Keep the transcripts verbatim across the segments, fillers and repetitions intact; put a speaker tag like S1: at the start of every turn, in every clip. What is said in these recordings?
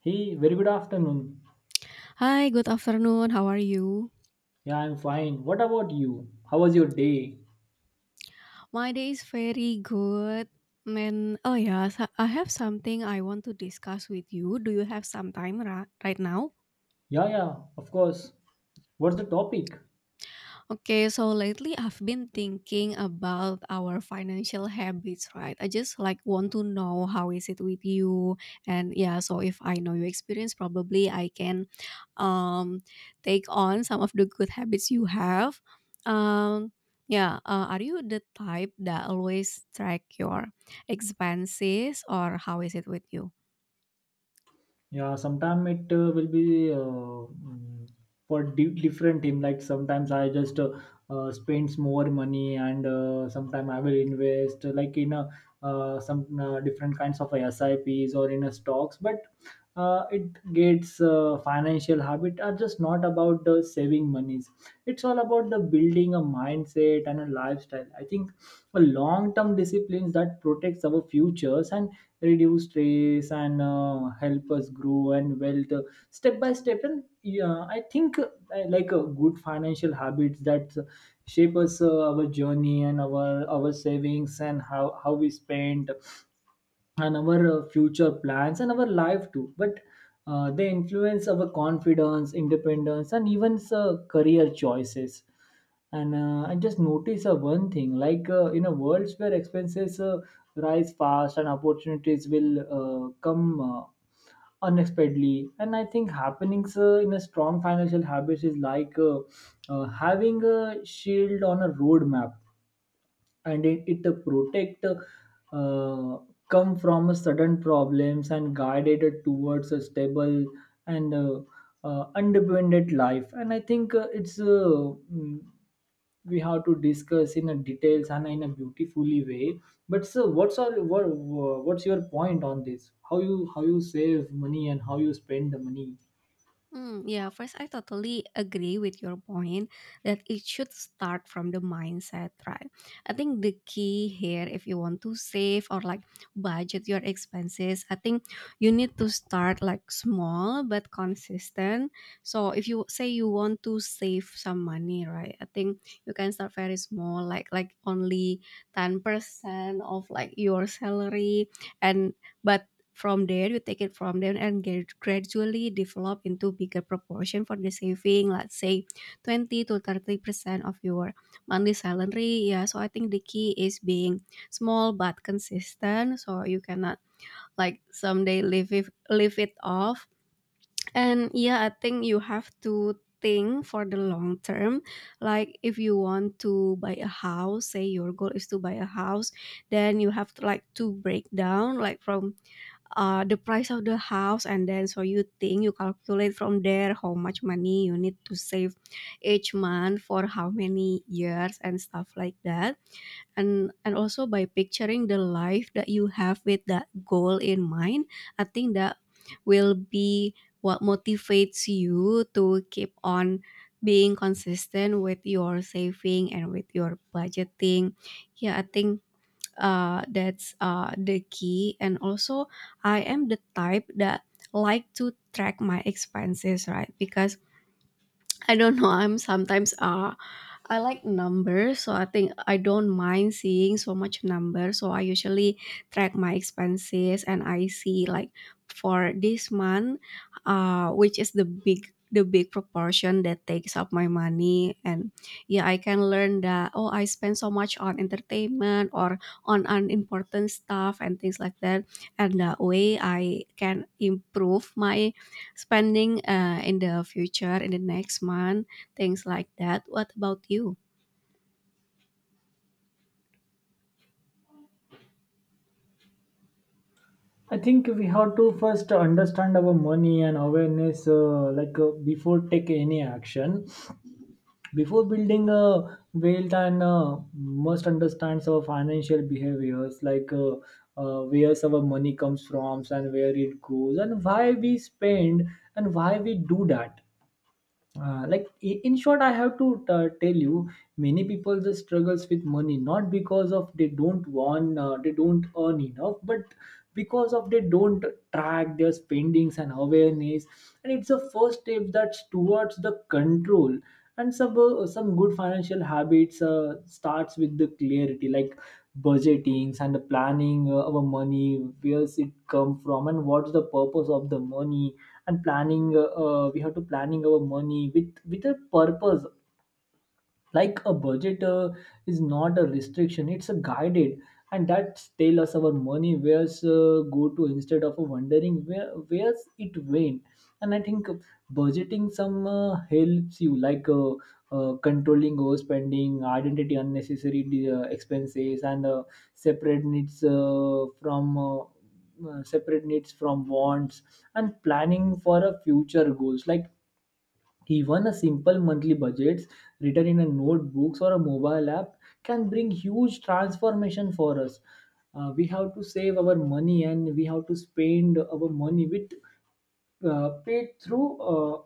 S1: Hey, very good afternoon.
S2: Hi, good afternoon. How are you?
S1: Yeah, I'm fine. What about you? How was your day?
S2: My day is very good. Man, oh yeah, so- I have something I want to discuss with you. Do you have some time ra- right now?
S1: Yeah, yeah, of course. What's the topic?
S2: Okay, so lately I've been thinking about our financial habits, right? I just like want to know how is it with you, and yeah, so if I know your experience, probably I can um, take on some of the good habits you have. Um, yeah, uh, are you the type that always track your expenses, or how is it with you?
S1: Yeah, sometime it uh, will be uh, mm, for di- different team. Like sometimes I just uh, uh, spends more money, and uh, sometimes I will invest uh, like in a uh, some uh, different kinds of SIPs or in a stocks. But uh, it gets uh, financial habit are just not about the saving monies. It's all about the building a mindset and a lifestyle. I think a long term disciplines that protects our futures and reduce stress and uh, help us grow and wealth uh, step by step. And yeah, I think uh, I like uh, good financial habits that shape us uh, our journey and our our savings and how how we spend and our uh, future plans and our life too. But uh, they influence our confidence independence and even uh, career choices. And uh, I just notice uh, one thing, like uh, in a world where expenses uh, rise fast and opportunities will uh, come uh, unexpectedly. And I think happenings uh, in a strong financial habit is like uh, uh, having a shield on a roadmap, and it, it uh, protect uh, come from a sudden problems and guided it towards a stable and uh, uh, independent life. And I think uh, it's uh, mm, we have to discuss in a details and in a beautifully way. But so what's all what, what's your point on this? How you how you save money and how you spend the money?
S2: Mm, yeah, first, I totally agree with your point that it should start from the mindset, right? I think the key here, if you want to save or like budget your expenses, I think you need to start like small but consistent. So, if you say you want to save some money, right? I think you can start very small, like like only ten percent of like your salary, and but from there, you take it from there and get gradually develop into bigger proportion for the saving, let's say twenty to thirty percent of your monthly salary. Yeah, so I think the key is being small but consistent. So you cannot like someday live it, live it off. And yeah, I think you have to think for the long term. Like if you want to buy a house, say your goal is to buy a house, then you have to like to break down like from uh, the price of the house, and then so you think you calculate from there how much money you need to save each month for how many years and stuff like that. and and also by picturing the life that you have with that goal in mind, I think that will be what motivates you to keep on being consistent with your saving and with your budgeting. Yeah, I think uh, that's uh, the key. And also, I am the type that like to track my expenses, right? Because I don't know, I'm sometimes uh, I like numbers, so I think I don't mind seeing so much numbers. So I usually track my expenses and I see like for this month, uh, which is the big the big proportion that takes up my money. And yeah, I can learn that, oh, I spend so much on entertainment or on unimportant stuff and things like that. And that way I can improve my spending uh, in the future in the next month, things like that. What about you?
S1: I think we have to first understand our money and awareness, uh, like uh, before take any action. Before building a wealth and uh, must understand our financial behaviors, like uh, uh, where our money comes from and where it goes, and why we spend and why we do that. Uh, like i- in short I have to uh, tell you many people just struggles with money not because of they don't want uh, they don't earn enough, but because of they don't track their spendings and awareness. And it's a first step that's towards the control. And some uh, some good financial habits uh, starts with the clarity, like budgetings and the planning uh, our money, where's it come from and what's the purpose of the money. And planning uh, uh, we have to planning our money with with a purpose. Like a budget uh, is not a restriction, it's a guided, and that tell us our money where's uh, go to instead of wondering where where's it went. And I think budgeting some uh, helps you like uh, uh, controlling overspending identity unnecessary uh, expenses and uh, separate needs uh, from uh, uh, separate needs from wants, and planning for a future goals. Like even a simple monthly budgets written in a notebooks or a mobile app can bring huge transformation for us. Uh, we have to save our money and we have to spend our money with uh, pay through uh,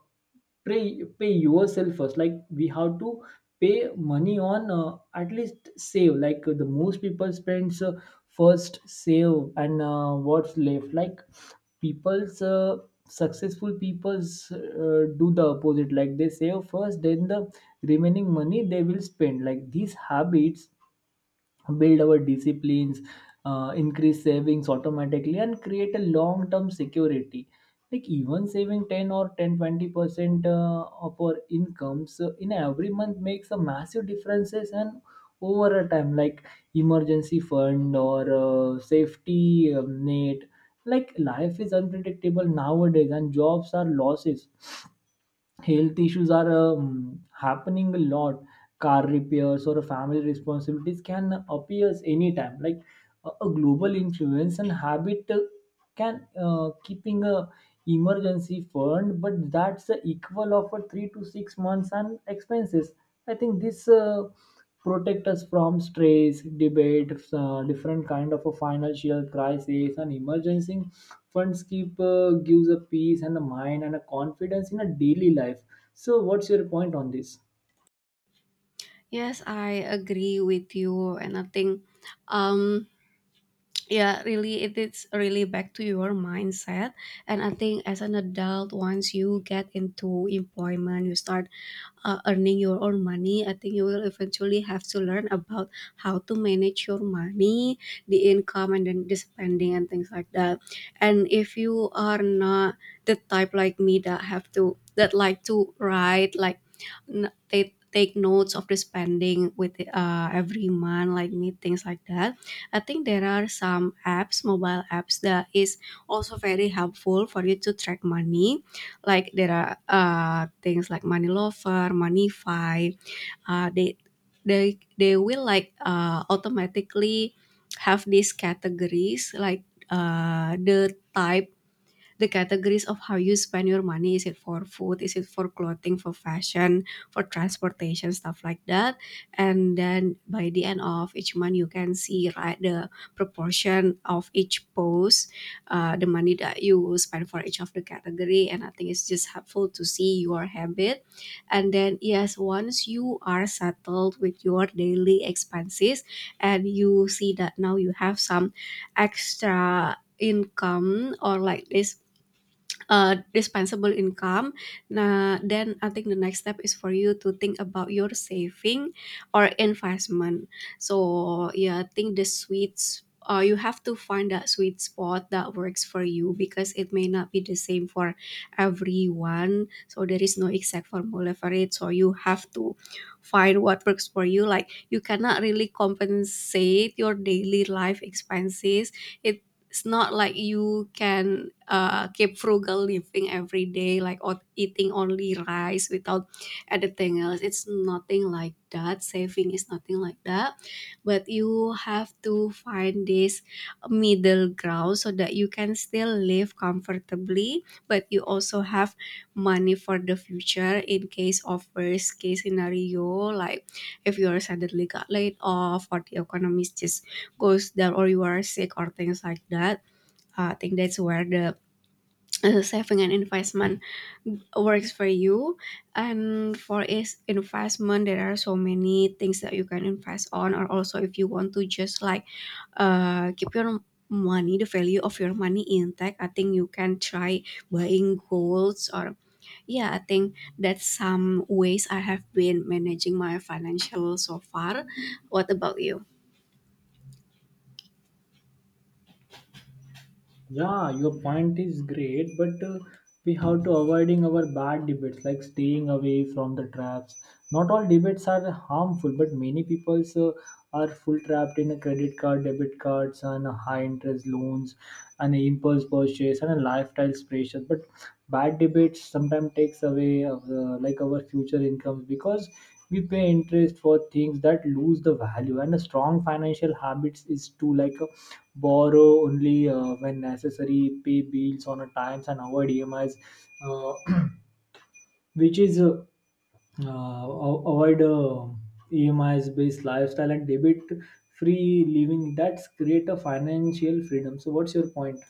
S1: pay pay yourself first. Like we have to pay money on uh, at least save, like uh, the most people spends uh, first save. And uh, what's left, like people's uh, successful people's uh, do the opposite, like they save first, then the remaining money they will spend. Like these habits build our disciplines, uh, increase savings automatically, and create a long term security. Like even saving ten or ten or twenty percent uh, of our incomes uh, in every month makes a massive differences. And over a time like emergency fund or uh, safety um, net, like life is unpredictable nowadays and jobs are losses, health issues are um, happening a lot, car repairs or family responsibilities can appear anytime. Like a, a global influence and habit uh, can uh, keeping a emergency fund, but that's the equal of a three to six months and expenses. I think this uh, protect us from stress debate uh, different kind of a financial crisis, and emergency funds keep uh, gives a peace and a mind and a confidence in a daily life. So what's your point on this?
S2: Yes, I agree with you, and I think um, yeah, really it is really back to your mindset. And I think as an adult, once you get into employment, you start uh, earning your own money, I think you will eventually have to learn about how to manage your money, the income and then the spending and things like that. And if you are not the type like me that have to that like to write like n- take take notes of the spending with uh, every month like me, things like that. I think there are some apps, mobile apps that is also very helpful for you to track money. Like there are uh, things like Money Lover, Moneyfy. Uh, they they they will like uh, automatically have these categories like uh, the type the categories of how you spend your money: is it for food, is it for clothing, for fashion, for transportation, stuff like that. And then by the end of each month, you can see, right, the proportion of each post, uh, the money that you spend for each of the category. And I think it's just helpful to see your habit. And then yes, once you are settled with your daily expenses and you see that now you have some extra income, or like this uh, disposable income. Nah, then I think the next step is for you to think about your saving or investment. So yeah, I think the sweets. Uh, you have to find that sweet spot that works for you because it may not be the same for everyone. So there is no exact formula for it. So you have to find what works for you. Like you cannot really compensate your daily life expenses It it's not like you can uh, keep frugal living every day, like o- eating only rice without anything else. It's nothing like that. Saving is nothing like that. But you have to find this middle ground so that you can still live comfortably, but you also have money for the future in case of worst case scenario, like if you are suddenly got laid off, or the economy is just goes down, or you are sick or things like that. Uh, I think that's where the uh, saving and investment works for you. And for is investment, there are so many things that you can invest on, or also if you want to just like uh, keep your money, the value of your money intact. I think you can try buying golds. Or yeah, I think that's some ways I have been managing my financial so far. What about you?
S1: Yeah, your point is great, but uh, we have to avoiding our bad debates, like staying away from the traps. Not all debates are harmful, but many people uh, are full trapped in a credit card, debit cards, and high interest loans, and impulse purchase and a lifestyle pressure. But bad debates sometimes takes away of the, like our future incomes, because we pay interest for things that lose the value. And a strong financial habits is to like uh, borrow only uh, when necessary, pay bills on a times, and avoid emis uh, which is uh, uh, a- avoid uh, emis based lifestyle and debit free living that's create a financial freedom. So what's your point?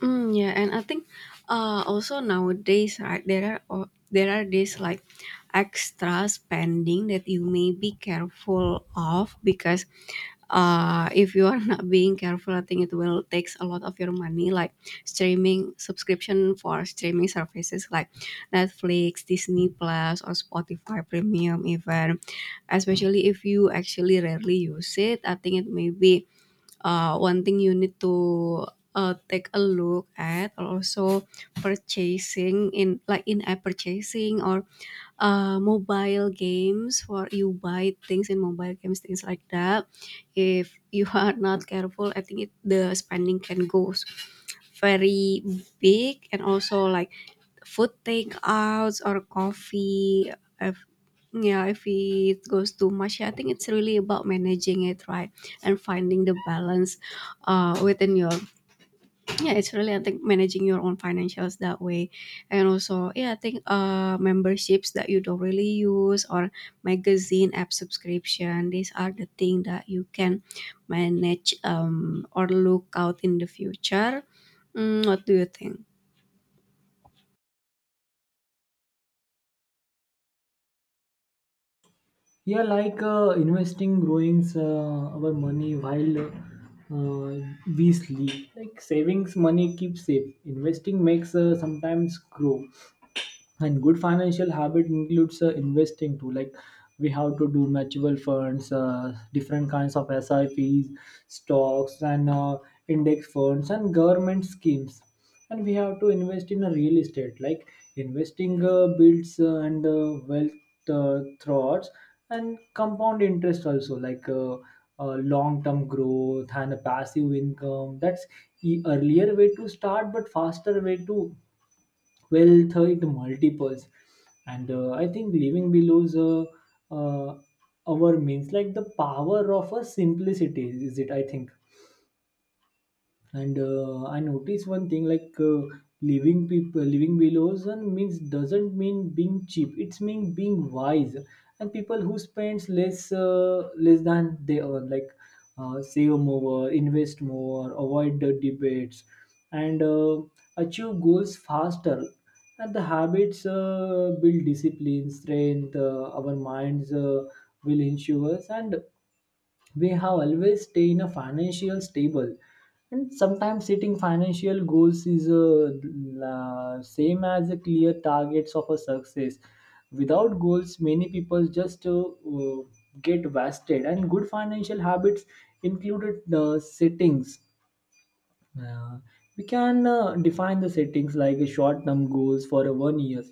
S2: Mm, yeah, and I think uh, also nowadays, right, there are o- there are these like extra spending that you may be careful of, because uh, if you are not being careful, I think it will takes a lot of your money, like streaming subscription for streaming services like Netflix, Disney Plus, or Spotify Premium. Even, especially if you actually rarely use it, I think it may be uh, one thing you need to uh, take a look at. Or also purchasing in like in-app purchasing, or uh, mobile games where you buy things in mobile games, things like that. If you are not careful, I think it, the spending can go very big. And also like food takeouts or coffee, if yeah, if it goes too much, I think it's really about managing it, right, and finding the balance uh, within your yeah, it's really, I think, managing your own financials that way. And also, yeah, I think uh memberships that you don't really use, or magazine app subscription. These are the thing that you can manage um or look out in the future. Mm, what do you think?
S1: Yeah, like uh, investing growings uh, our money while uh, we sleep. Like savings money keeps safe, investing makes uh, sometimes grow. And good financial habit includes uh, investing too. Like we have to do mutual funds, uh, different kinds of sips, stocks, and uh, index funds and government schemes. And we have to invest in a real estate. Like investing uh, builds uh, and uh, wealth uh, thoughts and compound interest also, like uh, uh, long-term growth and a passive income. That's the earlier way to start but faster way to well third multiples. And uh, I think living below uh, uh, our means, like the power of a simplicity is it, I think. And uh, I notice one thing, like uh, living people, living below zone means doesn't mean being cheap. It's mean being wise. And people who spends less uh, less than they earn, like uh, save more, invest more, avoid the debates, and uh, achieve goals faster. And the habits uh, build discipline, strength. Uh, our minds uh, will ensure us, and we have always stay in a financial stable. And sometimes setting financial goals is uh, la- same as a clear targets of a success. Without goals, many people just uh, uh, get wasted. And good financial habits included uh, settings. Yeah, we can uh, define the settings like a short-term goals for a one year.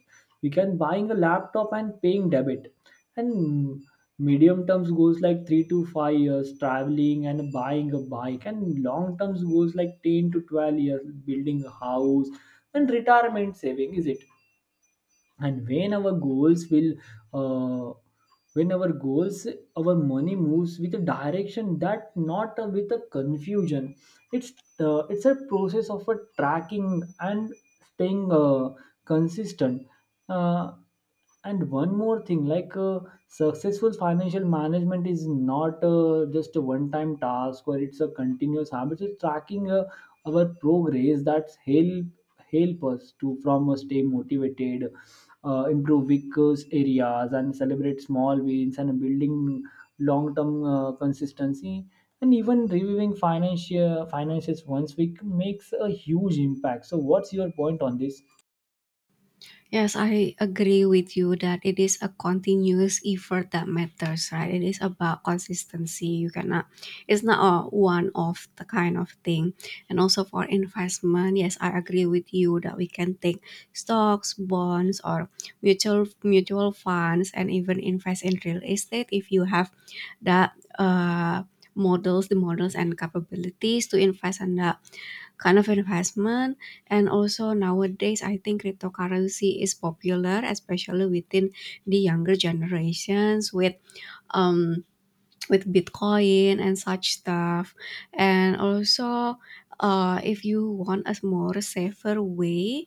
S1: We can buying a laptop and paying debit, and medium-term goals like three to five years traveling and buying a bike, and long-term goals like ten to twelve years building a house and retirement saving. Is it? And when our goals will uh, when our goals, our money moves with a direction that not uh, with a confusion. it's uh, it's a process of a tracking and staying uh, consistent. uh, and one more thing, like uh, successful financial management is not uh, just a one time task, or it's a continuous habit. It's tracking uh, our progress that's help help us to from uh, stay motivated, uh, improve weak areas and celebrate small wins and building long-term uh, consistency. And even reviewing financial finances once we makes a huge impact. So what's your point on this?
S2: Yes, I agree with you that it is a continuous effort that matters, right? It is about consistency. You cannot, it's not a one off the kind of thing. And also for investment, yes, I agree with you that we can take stocks, bonds, or mutual mutual funds, and even invest in real estate if you have the uh, models, the models and capabilities to invest in that kind of investment. And also nowadays I think cryptocurrency is popular, especially within the younger generations with um with Bitcoin and such stuff. And also, uh, if you want a more safer way,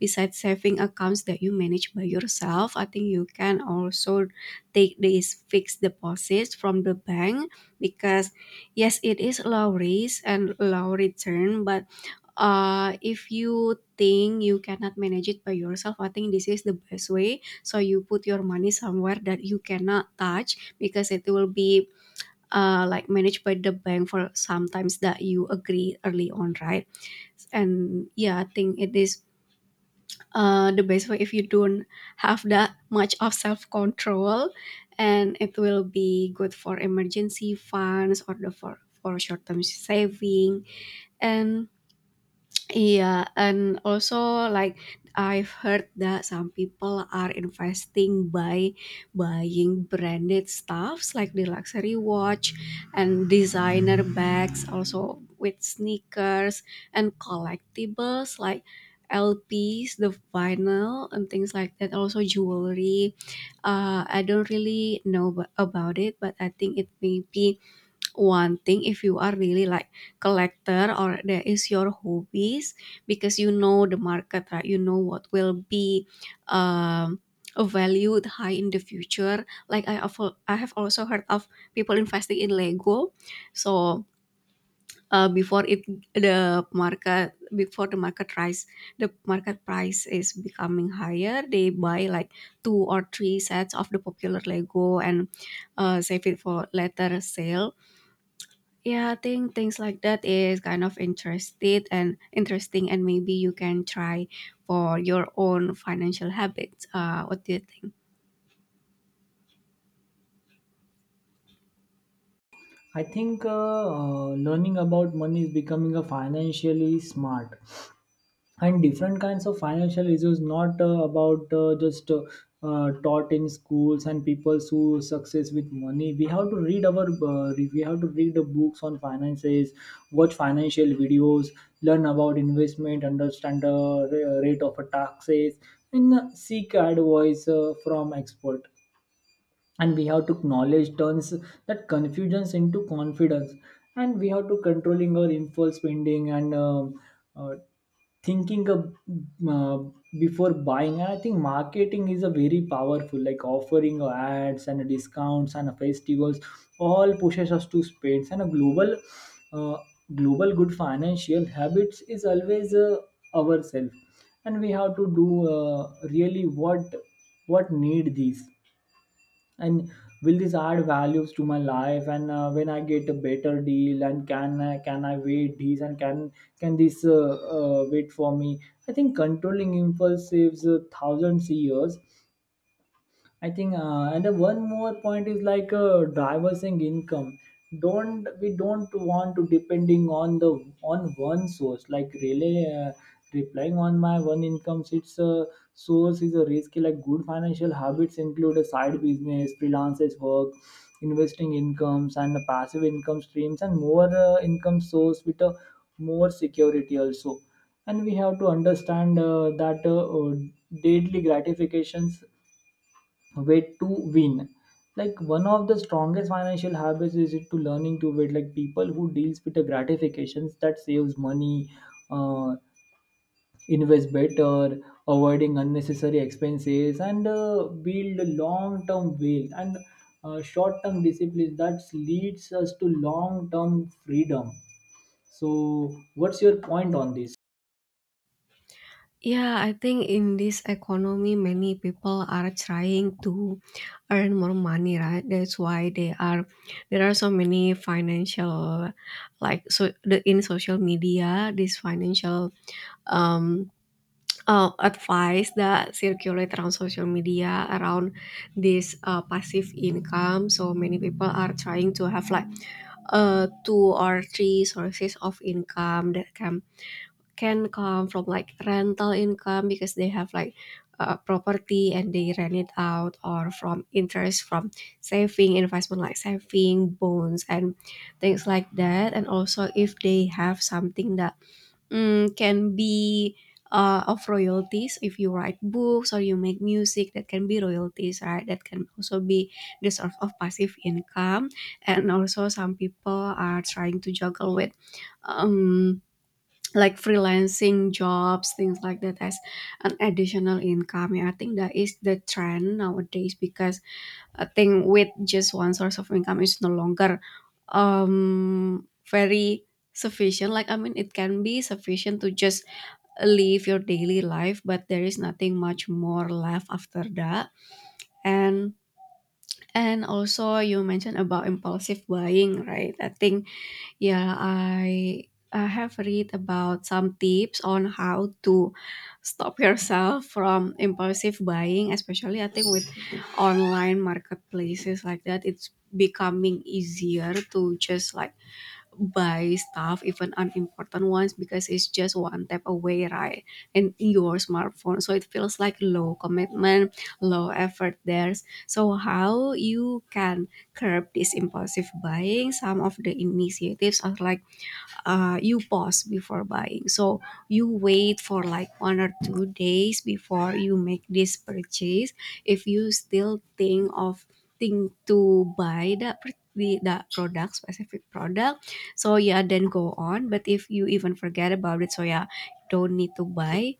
S2: besides saving accounts that you manage by yourself, I think you can also take these fixed deposits from the bank, because yes, it is low risk and low return, but uh, if you think you cannot manage it by yourself, I think this is the best way. So you put your money somewhere that you cannot touch because it will be uh, like managed by the bank for sometimes that you agree early on, right? And yeah, I think it is uh, the best way if you don't have that much of self-control, and it will be good for emergency funds or the for for short-term saving. And yeah, and also like I've heard that some people are investing by buying branded stuffs like the luxury watch and designer bags, also with sneakers and collectibles like L Ps, the vinyl, and things like that. Also jewelry. Uh, I don't really know ab- about it, but I think it may be one thing if you are really like collector, or that is your hobbies, because you know the market, right? You know what will be um valued high in the future. like i have, I have also heard of people investing in lego. So uh, before it the market, before the market rise, the market price is becoming higher, they buy like two or three sets of the popular lego, and uh, save it for later sale. Yeah, I think things like that is kind of interested and interesting, and maybe you can try for your own financial habits. Uh, what do you think?
S1: I think uh, uh, learning about money is becoming a financially smart, and different kinds of financial issues not uh, about uh, just uh, uh, taught in schools and people who success with money. We have to read our uh, re- we have to read the books on finances, watch financial videos, learn about investment, understand the ra- rate of taxes, and uh, seek advice uh, from expert. And we have to acknowledge turns that confusions into confidence. And we have to controlling our impulse spending and um, uh, thinking ab- uh, before buying. And I think marketing is a very powerful, like offering uh, ads and discounts and festivals all pushes us to spend. And a global uh, global good financial habits is always uh, ourselves. And we have to do uh, really what what need these, and will this add values to my life, and uh, when I get a better deal, and can I can i wait this, and can can this uh, uh, wait for me. I think controlling impulse saves uh, thousands of years. I think, uh, and then one more point is like uh, diversing income. Don't We don't want to depending on the on one source, like really uh, replying on my one income, it's a source is a risky. Like good financial habits include a side business, freelancers work, investing incomes, and the passive income streams, and more uh, income source with a more security also. And we have to understand uh, that uh, uh, daily gratifications way to win. Like one of the strongest financial habits is it to learning to wait, like people who deals with the gratifications that saves money, uh, invest better, avoiding unnecessary expenses, and uh, build long term wealth, and uh, short term discipline that leads us to long term freedom. So what's your point on this?
S2: Yeah, I think in this economy, many people are trying to earn more money, right? That's why they are there are so many financial, like so the in social media, these financial um uh, advice that circulate around social media around this uh, passive income. So many people are trying to have like uh, two or three sources of income that can can come from like rental income because they have like uh, property and they rent it out, or from interest from saving investment like saving bonds and things like that. And also, if they have something that mm, can be uh, of royalties. If you write books or you make music, that can be royalties, right? That can also be the source of passive income. And also, some people are trying to juggle with um, like freelancing jobs, things like that as an additional income. Yeah, I think that is the trend nowadays, because a thing with just one source of income is no longer um, very sufficient. Like, I mean, it can be sufficient to just live your daily life, but there is nothing much more left after that. And and also you mentioned about impulsive buying, right? I think yeah, I I have read about some tips on how to stop yourself from impulsive buying, especially I think with online marketplaces like that. It's becoming easier to just like buy stuff, even unimportant ones, because it's just one tap away, right? And in your smartphone, so it feels like low commitment, low effort there. So how you can curb this impulsive buying, some of the initiatives are like uh, you pause before buying. So you wait for like one or two days before you make this purchase. If you still think of think to buy that pr- the that product, specific product, so yeah, then go on. But if you even forget about it, so yeah, don't need to buy.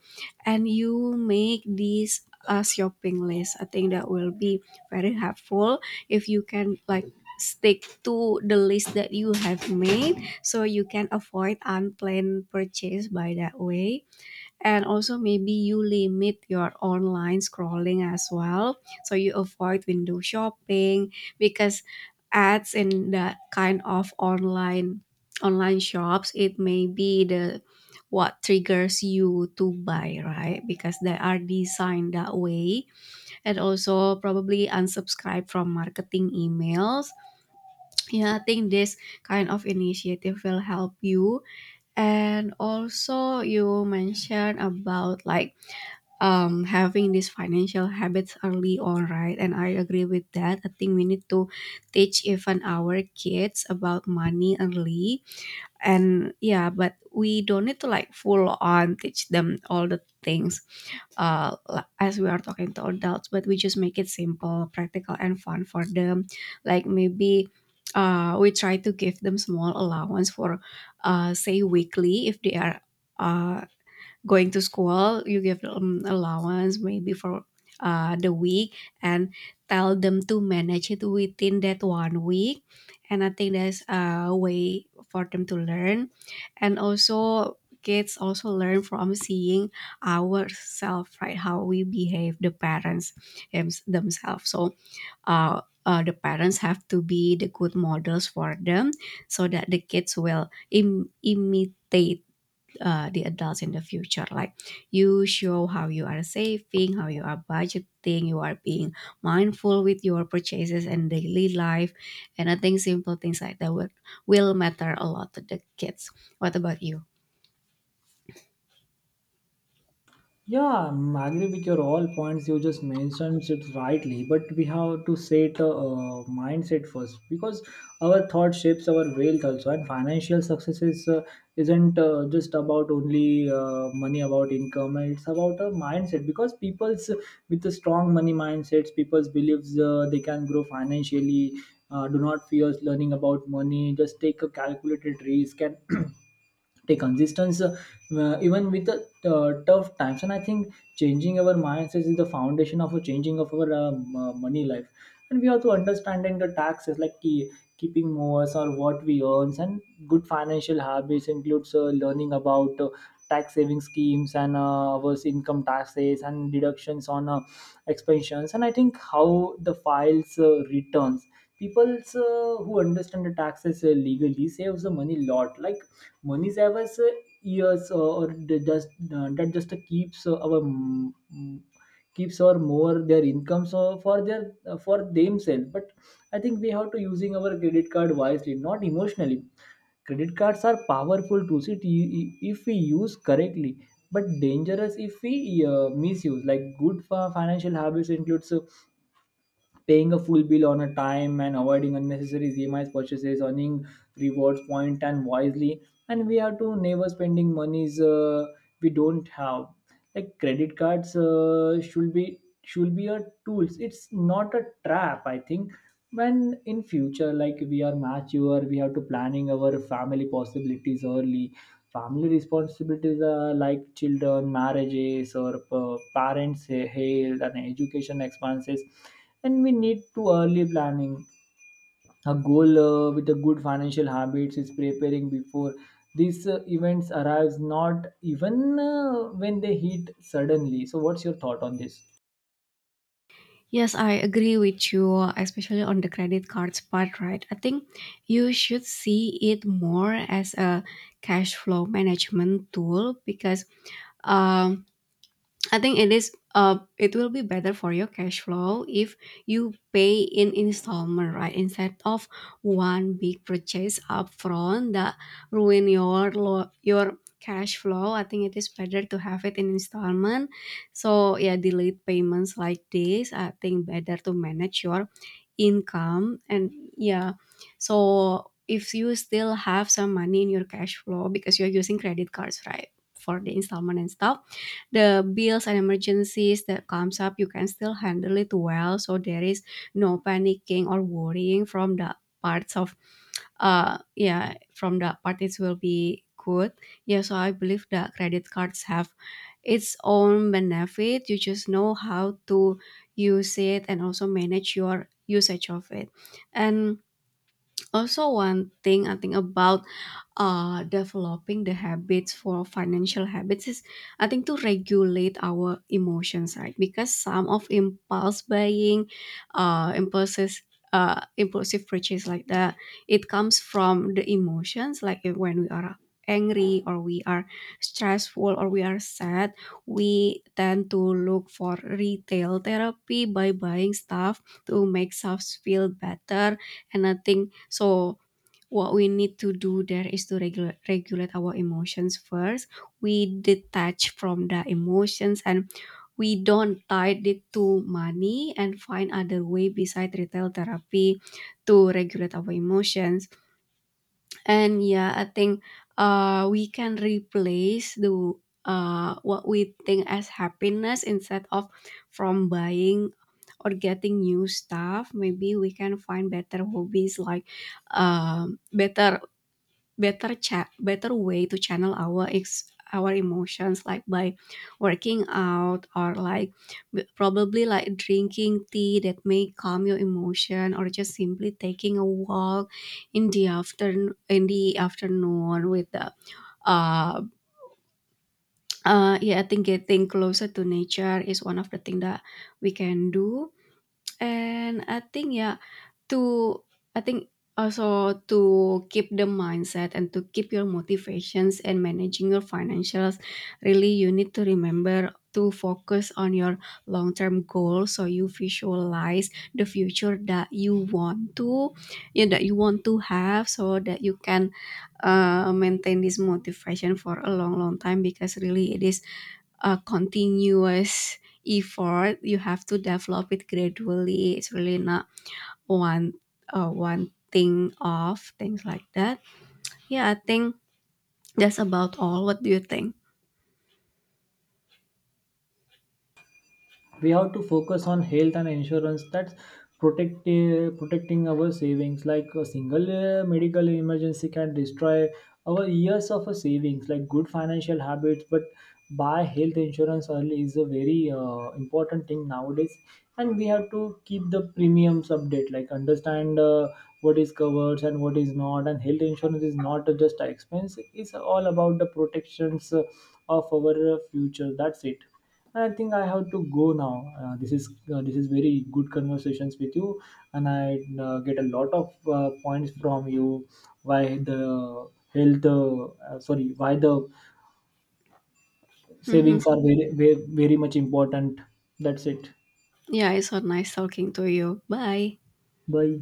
S2: And you make this a shopping list. I think that will be very helpful, if you can like stick to the list that you have made, so you can avoid unplanned purchase by that way. And also maybe you limit your online scrolling as well, so you avoid window shopping. Because ads in that kind of online online shops, it may be the what triggers you to buy, right? Because they are designed that way. And also probably unsubscribe from marketing emails. Yeah, I think this kind of initiative will help you. And also you mentioned about like um having these financial habits early on, right? And I agree with that. I think we need to teach even our kids about money early. And yeah, but we don't need to like full on teach them all the things uh, li- as we are talking to adults, but we just make it simple, practical, and fun for them. Like maybe uh, we try to give them small allowance for uh, say weekly. If they are uh, going to school, you give them allowance maybe for uh, the week, and tell them to manage it within that one week. And I think that's a way for them to learn. And also kids also learn from seeing ourselves, right? How we behave, the parents them- themselves. So uh, uh, the parents have to be the good models for them, so that the kids will Im- imitate uh, the adults in the future. Like, you show how you are saving, how you are budgeting, you are being mindful with your purchases and daily life. And I think simple things like that will, will matter a lot to the kids. What about you?
S1: Yeah, I'm agree with your all points. You just mentioned it rightly, but we have to set a, uh mindset first, because our thought shapes our wealth also. And financial success is uh, isn't uh, just about only uh, money, about income. It's about a mindset, because people's with a strong money mindsets, people's believes uh, they can grow financially. Uh, do not fear learning about money. Just take a calculated risk and the consistency uh, even with the uh, tough times. And I think changing our mindsets is the foundation of a changing of our um, uh, m- uh, money life. And we have to understanding the taxes, like key, keeping more or what we earn. And good financial habits includes uh, learning about uh, tax saving schemes, and uh, our income taxes and deductions on uh, expensions, and I think how the files uh, returns. People uh, who understand the taxes uh, legally saves the money lot, like money savers uh, years uh, or they just uh, that just uh, keeps uh, our mm, mm, keeps or more their income so for their uh, for themselves. But I think we have to using our credit card wisely, not emotionally. Credit cards are powerful tools it, i- if we use correctly but dangerous if we uh, misuse. Like good fi- financial habits includes uh, paying a full bill on a time and avoiding unnecessary E M Is purchases, earning rewards point and wisely. And we have to never spending monies uh, we don't have. Like credit cards uh, should be should be a tools. It's not a trap. I think when in future like we are mature, we have to planning our family possibilities early. Family responsibilities are like children, marriages, or uh, parents' health and education expenses, and we need to early planning a goal uh, with a good financial habits is preparing before these uh, events arrives, not even uh, when they hit suddenly. So what's your thought on this?
S2: Yes, I agree with you, especially on the credit cards part, right? I think you should see it more as a cash flow management tool. Because um, I think it is uh it will be better for your cash flow if you pay in installment, right? Instead of one big purchase upfront that ruin your lo- your cash flow. I think it is better to have it in installment. So yeah, delayed payments like this, I think better to manage your income. And yeah, so if you still have some money in your cash flow because you're using credit cards, right? For the installment and stuff, the bills and emergencies that comes up, you can still handle it well. So there is no panicking or worrying from the parts of, uh, yeah, from the part, it will be good. Yeah, so I believe that credit cards have its own benefit. You just know how to use it, and also manage your usage of it. And also, one thing I think about uh, developing the habits for financial habits is, I think, to regulate our emotions, right? Because some of impulse buying, uh, impulses, uh, impulsive purchase like that, it comes from the emotions. Like if- when we are angry, or we are stressful, or we are sad, we tend to look for retail therapy by buying stuff to make us feel better. And I think, so what we need to do there is to regulate regulate our emotions first. We detach from the emotions, and we don't tie it to money, and find other way besides retail therapy to regulate our emotions. And yeah, I think uh, we can replace the uh, what we think as happiness, instead of from buying or getting new stuff. Maybe we can find better hobbies like um, better better cha- better way to channel our ex- our emotions, like by working out, or like b- probably like drinking tea that may calm your emotion, or just simply taking a walk in the afternoon in the afternoon with the uh, uh yeah, I think getting closer to nature is one of the thing that we can do. And I think, yeah, to I think also, to keep the mindset and to keep your motivations and managing your financials, really you need to remember to focus on your long-term goal. So you visualize the future that you want to yeah, that you want to have, so that you can uh, maintain this motivation for a long long time, because really it is a continuous effort. You have to develop it gradually. It's really not one uh, one thing off, things like that. Yeah, I think that's about all. What do you think?
S1: We have to focus on health and insurance that's protect uh, protecting our savings. Like a single uh, medical emergency can destroy our years of a savings. Like good financial habits but buy health insurance early is a very uh, important thing nowadays. And we have to keep the premiums update, like understand uh, what is covered and what is not. And health insurance is not just an expense, it's all about the protections uh, of our uh, future. That's it. I think I have to go now. Uh, this is uh, this is very good conversations with you, and I uh, get a lot of uh, points from you. Why the health? Uh, uh, sorry, why the
S2: Hmm.
S1: savings are very very, very much important. That's it.
S2: Yeah, it's so nice talking to you. Bye.
S1: Bye.